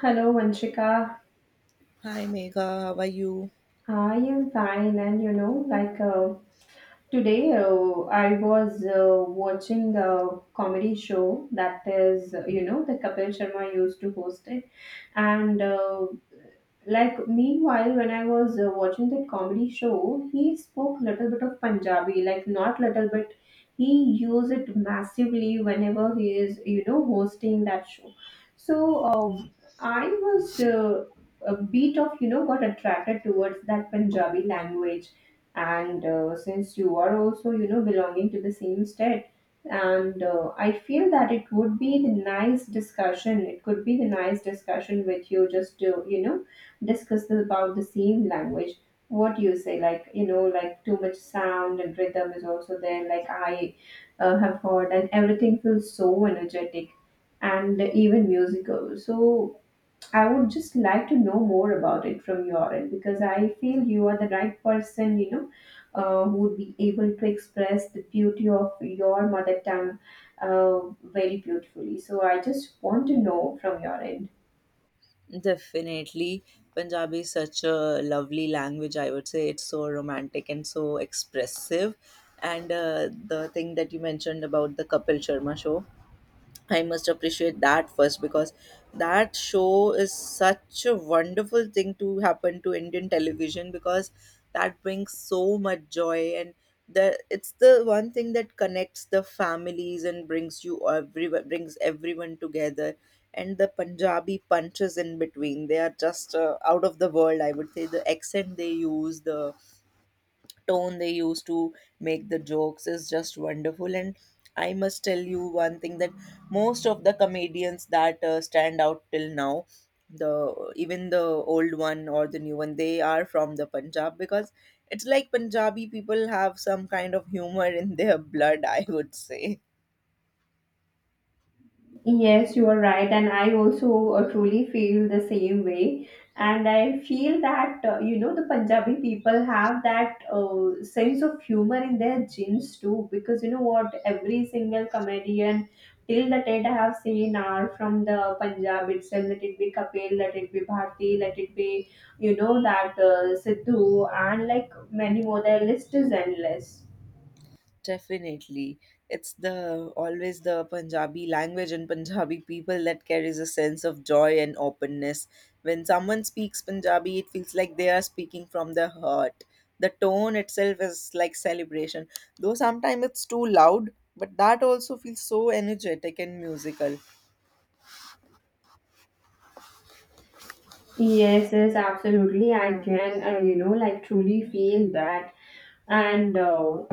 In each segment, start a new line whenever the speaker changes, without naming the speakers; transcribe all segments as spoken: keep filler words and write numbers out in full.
Hello, Vanshika.
Hi Megha, how are you?
I am fine, and you know, like uh, today, uh, I was uh, watching a comedy show that is, uh, you know, the Kapil Sharma used to host it. And uh, like meanwhile when I was uh, watching that comedy show, he spoke little bit of Punjabi, like not little bit, he used it massively whenever he is you know hosting that show. So uh, I was uh, a bit of you know got attracted towards that Punjabi language. And uh, since you are also you know belonging to the same state, and uh, I feel that it would be the nice discussion, it could be the nice discussion with you just to you know discuss about the same language. What do you say? Like you know like too much sound and rhythm is also there, like I uh, have heard, and everything feels so energetic and even musical. So I would just like to know more about it from your end, because I feel you are the right person, you know uh, who would be able to express the beauty of your mother tongue uh, very beautifully. So I just want to know from your end.
Definitely. Punjabi is such a lovely language, I would say. It's so romantic and so expressive. And uh, the thing that you mentioned about the Kapil Sharma show, I must appreciate that first, because that show is such a wonderful thing to happen to Indian television. Because that brings so much joy, and the it's the one thing that connects the families and brings you everyone brings everyone together. And the Punjabi punches in between, they are just uh, out of the world, I would say. The accent they use, the tone they use to make the jokes is just wonderful. And I must tell you one thing, that most of the comedians that uh, stand out till now, the even the old one or the new one, they are from the Punjab, because it's like Punjabi people have some kind of humor in their blood, I would say.
Yes, you are right, and I also uh, truly feel the same way. And I feel that uh, you know the Punjabi people have that uh, sense of humor in their genes too, because you know what, every single comedian till the date I have seen are from the Punjab itself. Let it be Kapil, let it be Bharti, let it be you know that uh, Sidhu, and like many more. Their list is endless.
Definitely. It's the always the Punjabi language and Punjabi people that carries a sense of joy and openness. When someone speaks Punjabi, it feels like they are speaking from their heart. The tone itself is like celebration. Though sometimes it's too loud, but that also feels so energetic and musical.
Yes, yes, absolutely. I can, uh, you know, like truly feel that. And uh,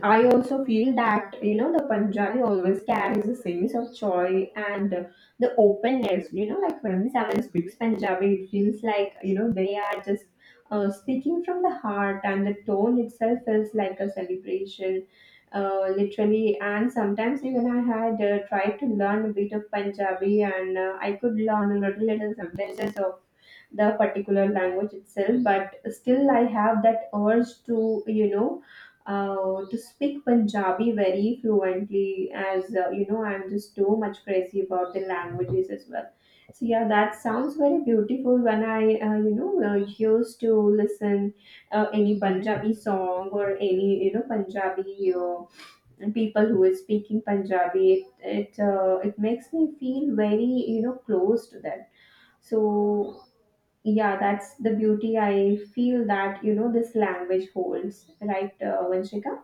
I also feel that, you know, the Punjabi always carries a sense of joy and uh, the openness. You know, like when someone speaks Punjabi, it feels like, you know, they are just uh, speaking from the heart, and the tone itself is like a celebration. Uh, literally, and sometimes even I had uh, tried to learn a bit of Punjabi, and uh, I could learn a little, little sentences of the particular language itself, but still I have that urge to you know uh, to speak Punjabi very fluently, as uh, you know I'm just too much crazy about the languages as well. So yeah, that sounds very beautiful when I uh, you know uh, used to listen uh, any Punjabi song or any you know Punjabi uh, and people who is speaking Punjabi, it it, uh, it makes me feel very you know close to that. So yeah, that's the beauty I feel that you know this language holds, right, uh, Vanshika?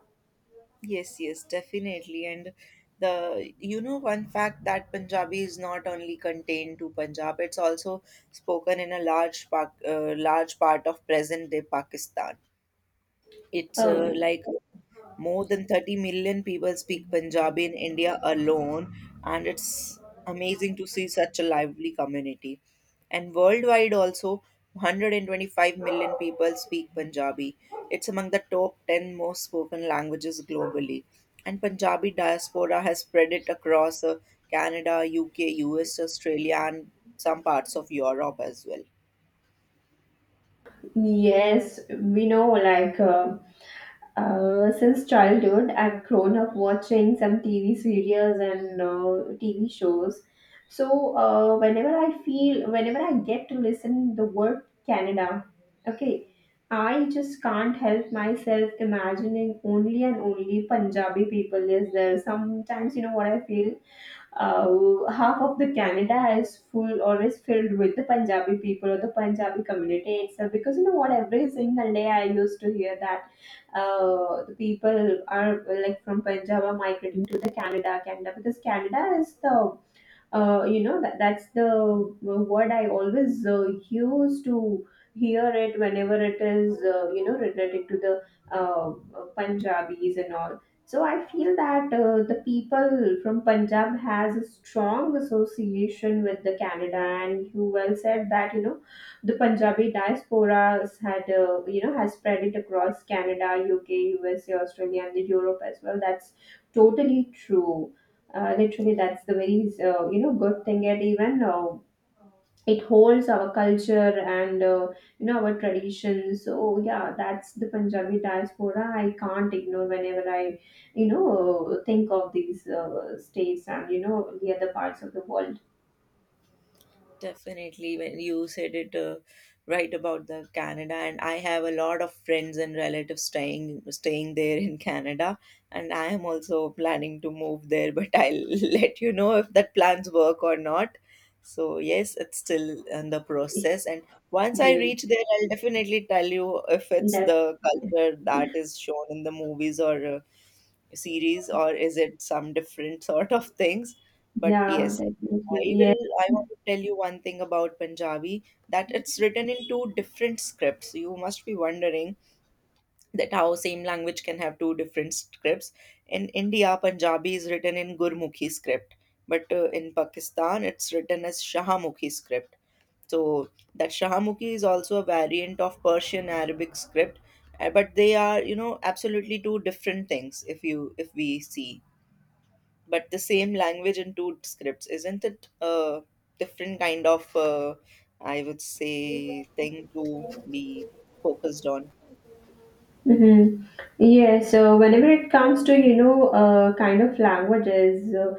Yes, yes, definitely. And the you know one fact, that Punjabi is not only contained to Punjab, it's also spoken in a large part, uh, large part of present-day Pakistan. It's uh,
Oh.
like more than thirty million people speak Punjabi in India alone, and it's amazing to see such a lively community. And worldwide, also, one hundred twenty-five million people speak Punjabi. It's among the top ten most spoken languages globally. And Punjabi diaspora has spread it across uh, Canada, U K, U S, Australia, and some parts of Europe as well.
Yes, we know, like uh, uh, since childhood I've grown up watching some TV serials and uh, TV shows. So uh, whenever I feel, whenever I get to listen the word Canada. Okay. I just can't help myself imagining only and only Punjabi people is there. Sometimes you know what I feel uh, half of the Canada is full or is filled with the Punjabi people or the Punjabi community itself. Because you know what, every single day I used to hear that uh, the people are like from Punjab are migrating to the Canada, Canada because Canada is the uh, you know that that's the uh, word I always uh, use to hear it whenever it is uh, you know related to the uh, uh, Punjabis and all. So I feel that uh, the people from Punjab has a strong association with the Canada, and you well said that you know the Punjabi diaspora has had uh, you know has spread it across Canada, U K, U S A, Australia, and the Europe as well. That's totally true, uh, literally. That's the very uh, you know good thing. It even uh, it holds our culture and uh, you know our traditions. So yeah, that's the Punjabi diaspora. I can't ignore whenever I you know think of these uh, states and you know the other parts of the world.
Definitely, when you said it uh, right about the Canada, and I have a lot of friends and relatives staying staying there in Canada, and I am also planning to move there. But I'll let you know if that plans work or not. So yes, it's still in the process, and once I
Great.
reach there, I'll definitely tell you if it's
That.
the culture that is shown in the movies or uh, series, or is it some different sort of things. But
Yeah,
yes, i
definitely.
will I want to tell you one thing about Punjabi, that it's written in two different scripts. You must be wondering that how same language can have two different scripts. In India, Punjabi is written in Gurmukhi script, but uh, in Pakistan, it's written as Shahamukhi script. So that Shahamukhi is also a variant of Persian Arabic script. Uh, but they are, you know absolutely two different things if you if we see. But the same language in two scripts, isn't it a different kind of uh, I would
Yeah.
say thing to be focused on?
Mm-hmm. Yeah, so whenever it comes to, you know, uh, kind of languages, uh,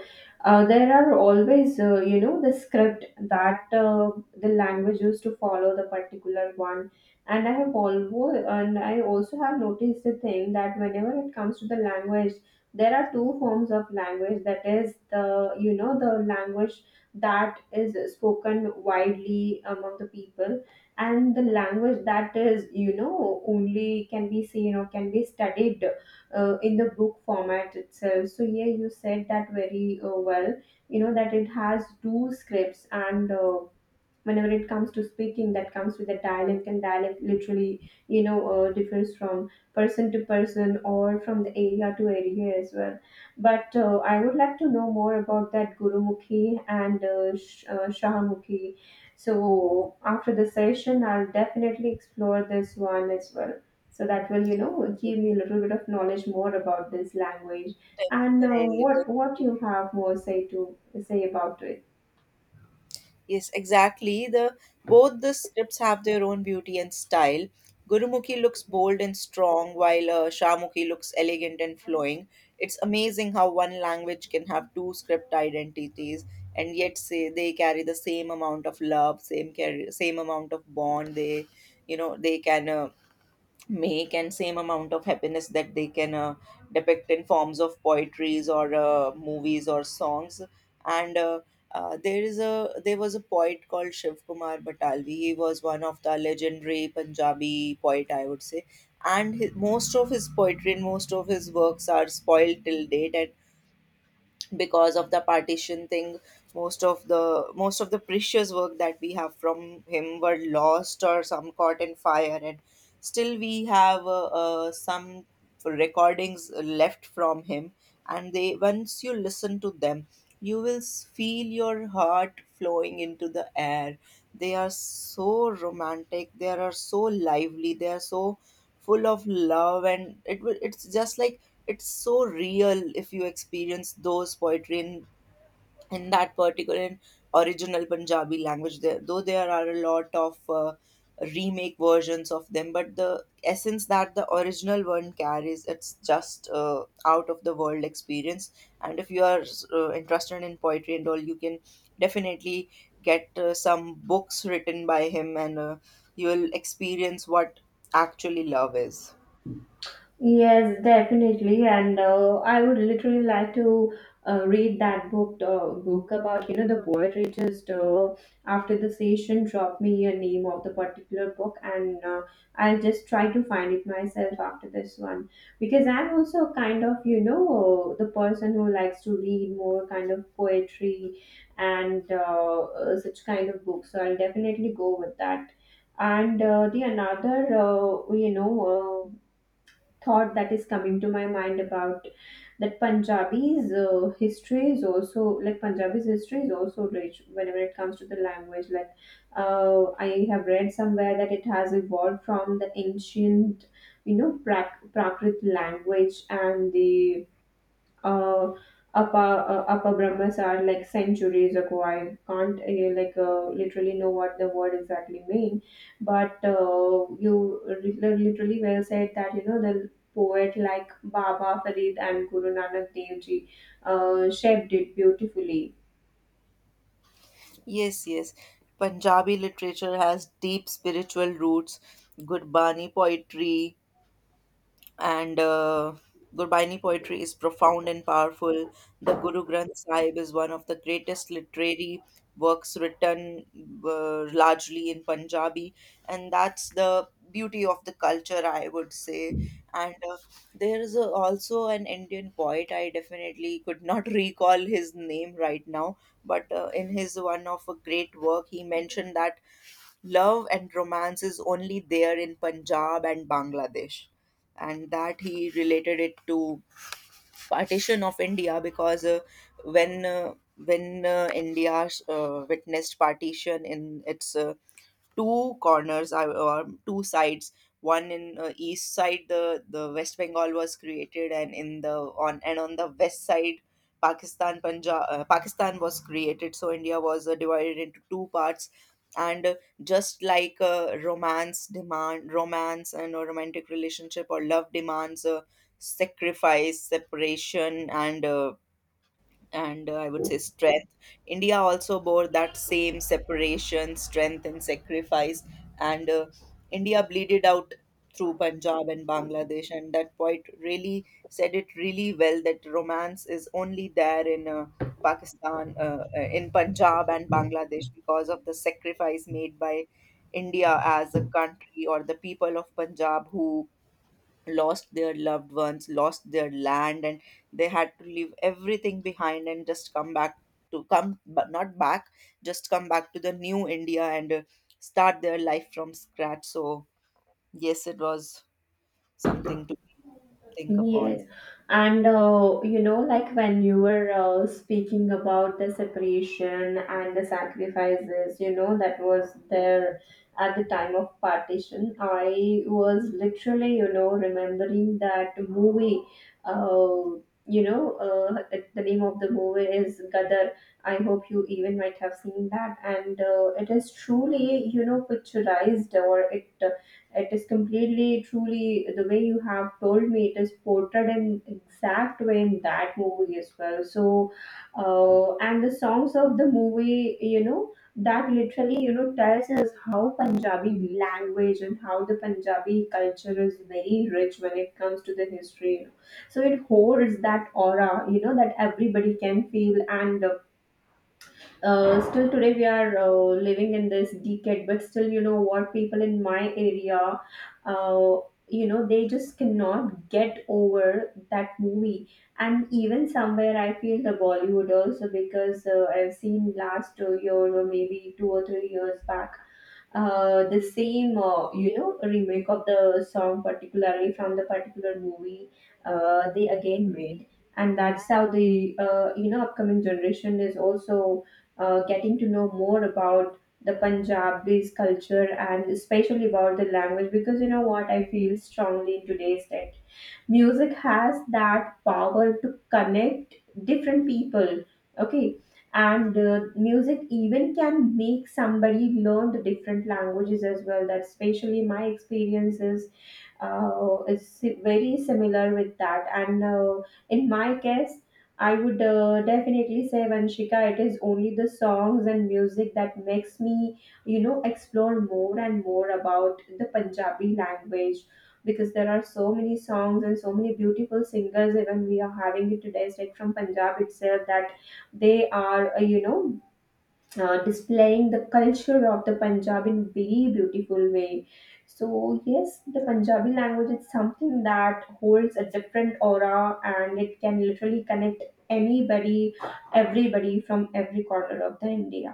uh, there are always, uh, you know, the script that uh, the language used to follow the particular one. And I have always, and I also have noticed the thing that whenever it comes to the language, there are two forms of language. That is the, you know, the language that is spoken widely among the people, and the language that is you know only can be seen or can be studied uh, in the book format itself. So yeah, you said that very uh, well, you know that it has two scripts. And uh, whenever it comes to speaking, that comes with a dialect, and dialect literally you know uh, differs from person to person or from the area to area as well. But uh, I would like to know more about that Gurumukhi and uh, Sh- uh, Shahamukhi. So after the session I'll definitely explore this one as well. So that will you know give me a little bit of knowledge more about this language.
Yes,
And uh,
definitely.
what what you have more say to say about it?
Yes, exactly. The both the scripts have their own beauty and style. Gurumukhi looks bold and strong, while uh, Shahmukhi looks elegant and flowing. It's amazing how one language can have two script identities, and yet say they carry the same amount of love, same carry, same amount of bond. They, you know, they can uh, make, and same amount of happiness that they can uh, depict in forms of poetries or uh, movies or songs. And uh, uh, there is a there was a poet called Shiv Kumar Batalvi. He was one of the legendary Punjabi poet, I would say. And his, most of his poetry and most of his works are spoiled till date, and because of the partition thing, most of the most of the precious work that we have from him were lost or some caught in fire. And still we have uh, uh, some recordings left from him, and they, once you listen to them, you will s- feel your heart flowing into the air. They are so romantic, they are so lively, they are so full of love, and it will it's just like it's so real if you experience those poetry in, in that particular in original Punjabi language. There, though there are a lot of uh, remake versions of them, but the essence that the original one carries, it's just uh, out of the world experience. And if you are uh, interested in poetry and all, you can definitely get uh, some books written by him, and uh, you will experience what actually love is.
Yes, definitely, and uh, I would literally like to uh, read that book uh, book about you know the poetry. Just uh, after the session, drop me a name of the particular book, and uh, I'll just try to find it myself after this one, because I'm also kind of you know the person who likes to read more kind of poetry and uh, uh, such kind of books. So I'll definitely go with that. And uh, the another, uh, you know. Uh, thought that is coming to my mind about that Punjabi's uh, history is also like Punjabi's history is also rich whenever it comes to the language. Like uh, I have read somewhere that it has evolved from the ancient, you know, Prak- Prakrit language and the uh, upper uh, upper brahmas are like centuries ago. I can't uh, like uh, literally know what the word exactly mean, but uh, you lit- literally well said that you know the poet like Baba Farid and Guru Nanak Dev Ji uh, shaped it beautifully.
Yes, yes. Punjabi literature has deep spiritual roots. Gurbani poetry, and uh, Gurbani poetry is profound and powerful. The Guru Granth Sahib is one of the greatest literary works written uh, largely in Punjabi, and that's the beauty of the culture, I would say. And uh, there is a, also an Indian poet, I definitely could not recall his name right now, but uh, in his one of a great work, he mentioned that love and romance is only there in Punjab and Bangladesh. And that he related it to partition of India, because uh, when uh, when uh, India uh, witnessed partition in its uh, two corners are or two sides. One in uh, east side, the the West Bengal was created, and in the on and on the west side, pakistan punjab uh, Pakistan was created. So India was uh, divided into two parts. And uh, just like uh, romance demand romance and a romantic relationship or love demands uh, sacrifice, separation, and uh, and uh, I would say strength. India also bore that same separation, strength, and sacrifice. And uh, India bleeded out through Punjab and Bangladesh. And that poet really said it really well, that romance is only there in uh, Pakistan, uh, uh, in Punjab and Bangladesh, because of the sacrifice made by India as a country, or the people of Punjab who lost their loved ones, lost their land, and they had to leave everything behind and just come back, to come, but not back, just come back to the new India and uh, start their life from scratch. So, yes, it was something to think upon.
Yes, and uh, you know, like when you were uh, speaking about the separation and the sacrifices, you know, that was there at the time of partition, I was literally, you know, remembering that movie. Uh, you know, uh, it- the name of the movie is Gadar. I hope you even might have seen that, and uh, it is truly, you know, picturized, or it it is completely, truly the way you have told me. It is portrayed in exact way in that movie as well. So, uh, and the songs of the movie, you know, that literally you know tells us how Punjabi language and how the Punjabi culture is very rich when it comes to the history. So it holds that aura, you know, that everybody can feel. And uh, uh, still today we are uh, living in this decade, but still you know what people in my area uh, you know they just cannot get over that movie. And even somewhere I feel the Bollywood also, because uh, I've seen last uh, year, or maybe two or three years back, uh, the same uh, you know remake of the song particularly from the particular movie, uh, they again made. And that's how the uh, you know upcoming generation is also uh, getting to know more about the Punjabi's culture and especially about the language. Because you know what I feel strongly in today's day, music has that power to connect different people. Okay. And uh, music even can make somebody learn the different languages as well. That especially my experiences uh, is si- very similar with that. And uh, in my case, I would uh, definitely say, Vanshika, it is only the songs and music that makes me you know explore more and more about the Punjabi language. Because there are so many songs and so many beautiful singers even we are having it today, it's like from Punjab itself, that they are uh, you know uh, displaying the culture of the Punjab in very beautiful way. So yes, the Punjabi language is something that holds a different aura, and it can literally connect anybody, everybody, from every corner of the India.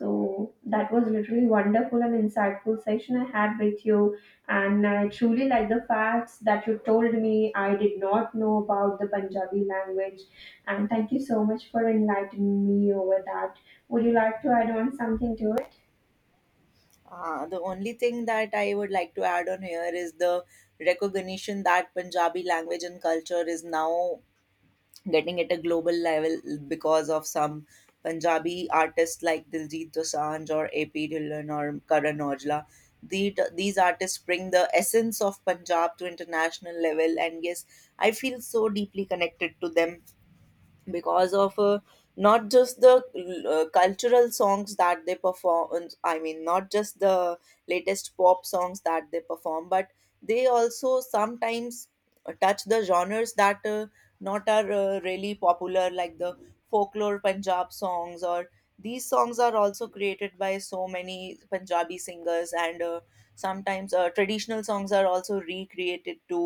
So that was literally wonderful and insightful session I had with you. And I truly like the facts that you told me. I did not know about the Punjabi language. And thank you so much for enlightening me over that. Would you like to add on something to it?
Uh, the only thing that I would like to add on here is the recognition that Punjabi language and culture is now getting at a global level, because of some Punjabi artists like Diljit Dosanjh or A P Dhillon or Karan Aujla. The, these artists bring the essence of Punjab to international level, and yes, I feel so deeply connected to them, because of uh, not just the uh, cultural songs that they perform. uh, I mean, not just the latest pop songs that they perform, but they also sometimes uh, touch the genres that uh, not are uh, really popular, like the folklore Punjab songs. Or these songs are also created by so many Punjabi singers, and uh, sometimes uh, traditional songs are also recreated to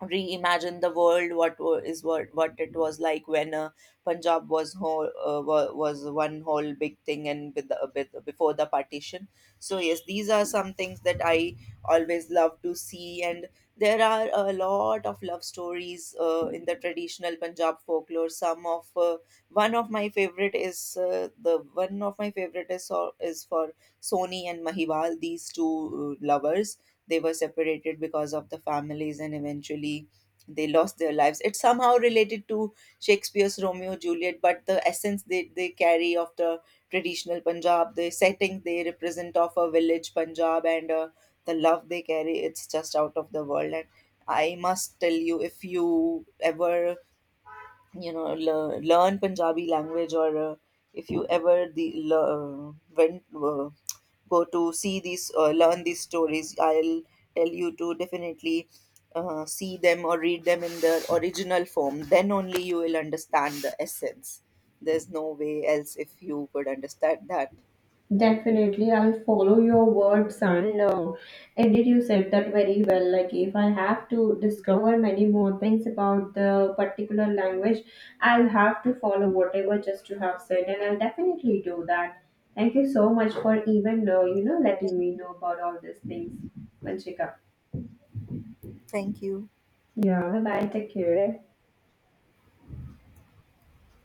reimagine the world what wa- is what what it was like when uh, Punjab was whole, uh, wa- was one whole big thing, and with the, with, before the partition. So yes, these are some things that I always love to see. And there are a lot of love stories uh, in the traditional Punjab folklore. Some of uh, one of my favorite is uh, the one of my favorite is, uh, is for Soni and Mahiwal. These two uh, lovers, they were separated because of the families, and eventually they lost their lives. It's somehow related to Shakespeare's Romeo Juliet, but the essence they, they carry of the traditional Punjab, the setting they represent of a village Punjab, and uh, the love they carry, it's just out of the world. And I must tell you, if you ever you know lear- learn Punjabi language, or uh, if you ever the lear- went uh, go to see these, uh, learn these stories, I'll tell you to definitely uh, see them or read them in their original form. Then only you will understand the essence. There's no way else if you could understand that.
Definitely, I'll follow your words, and uh, indeed you said that very well. Like, if I have to discover many more things about the particular language, I'll have to follow whatever just you have said, and I'll definitely do that. Thank you so much for even uh, you know letting me know about all these things, Vanshika.
Thank you.
Yeah, bye bye. Take care.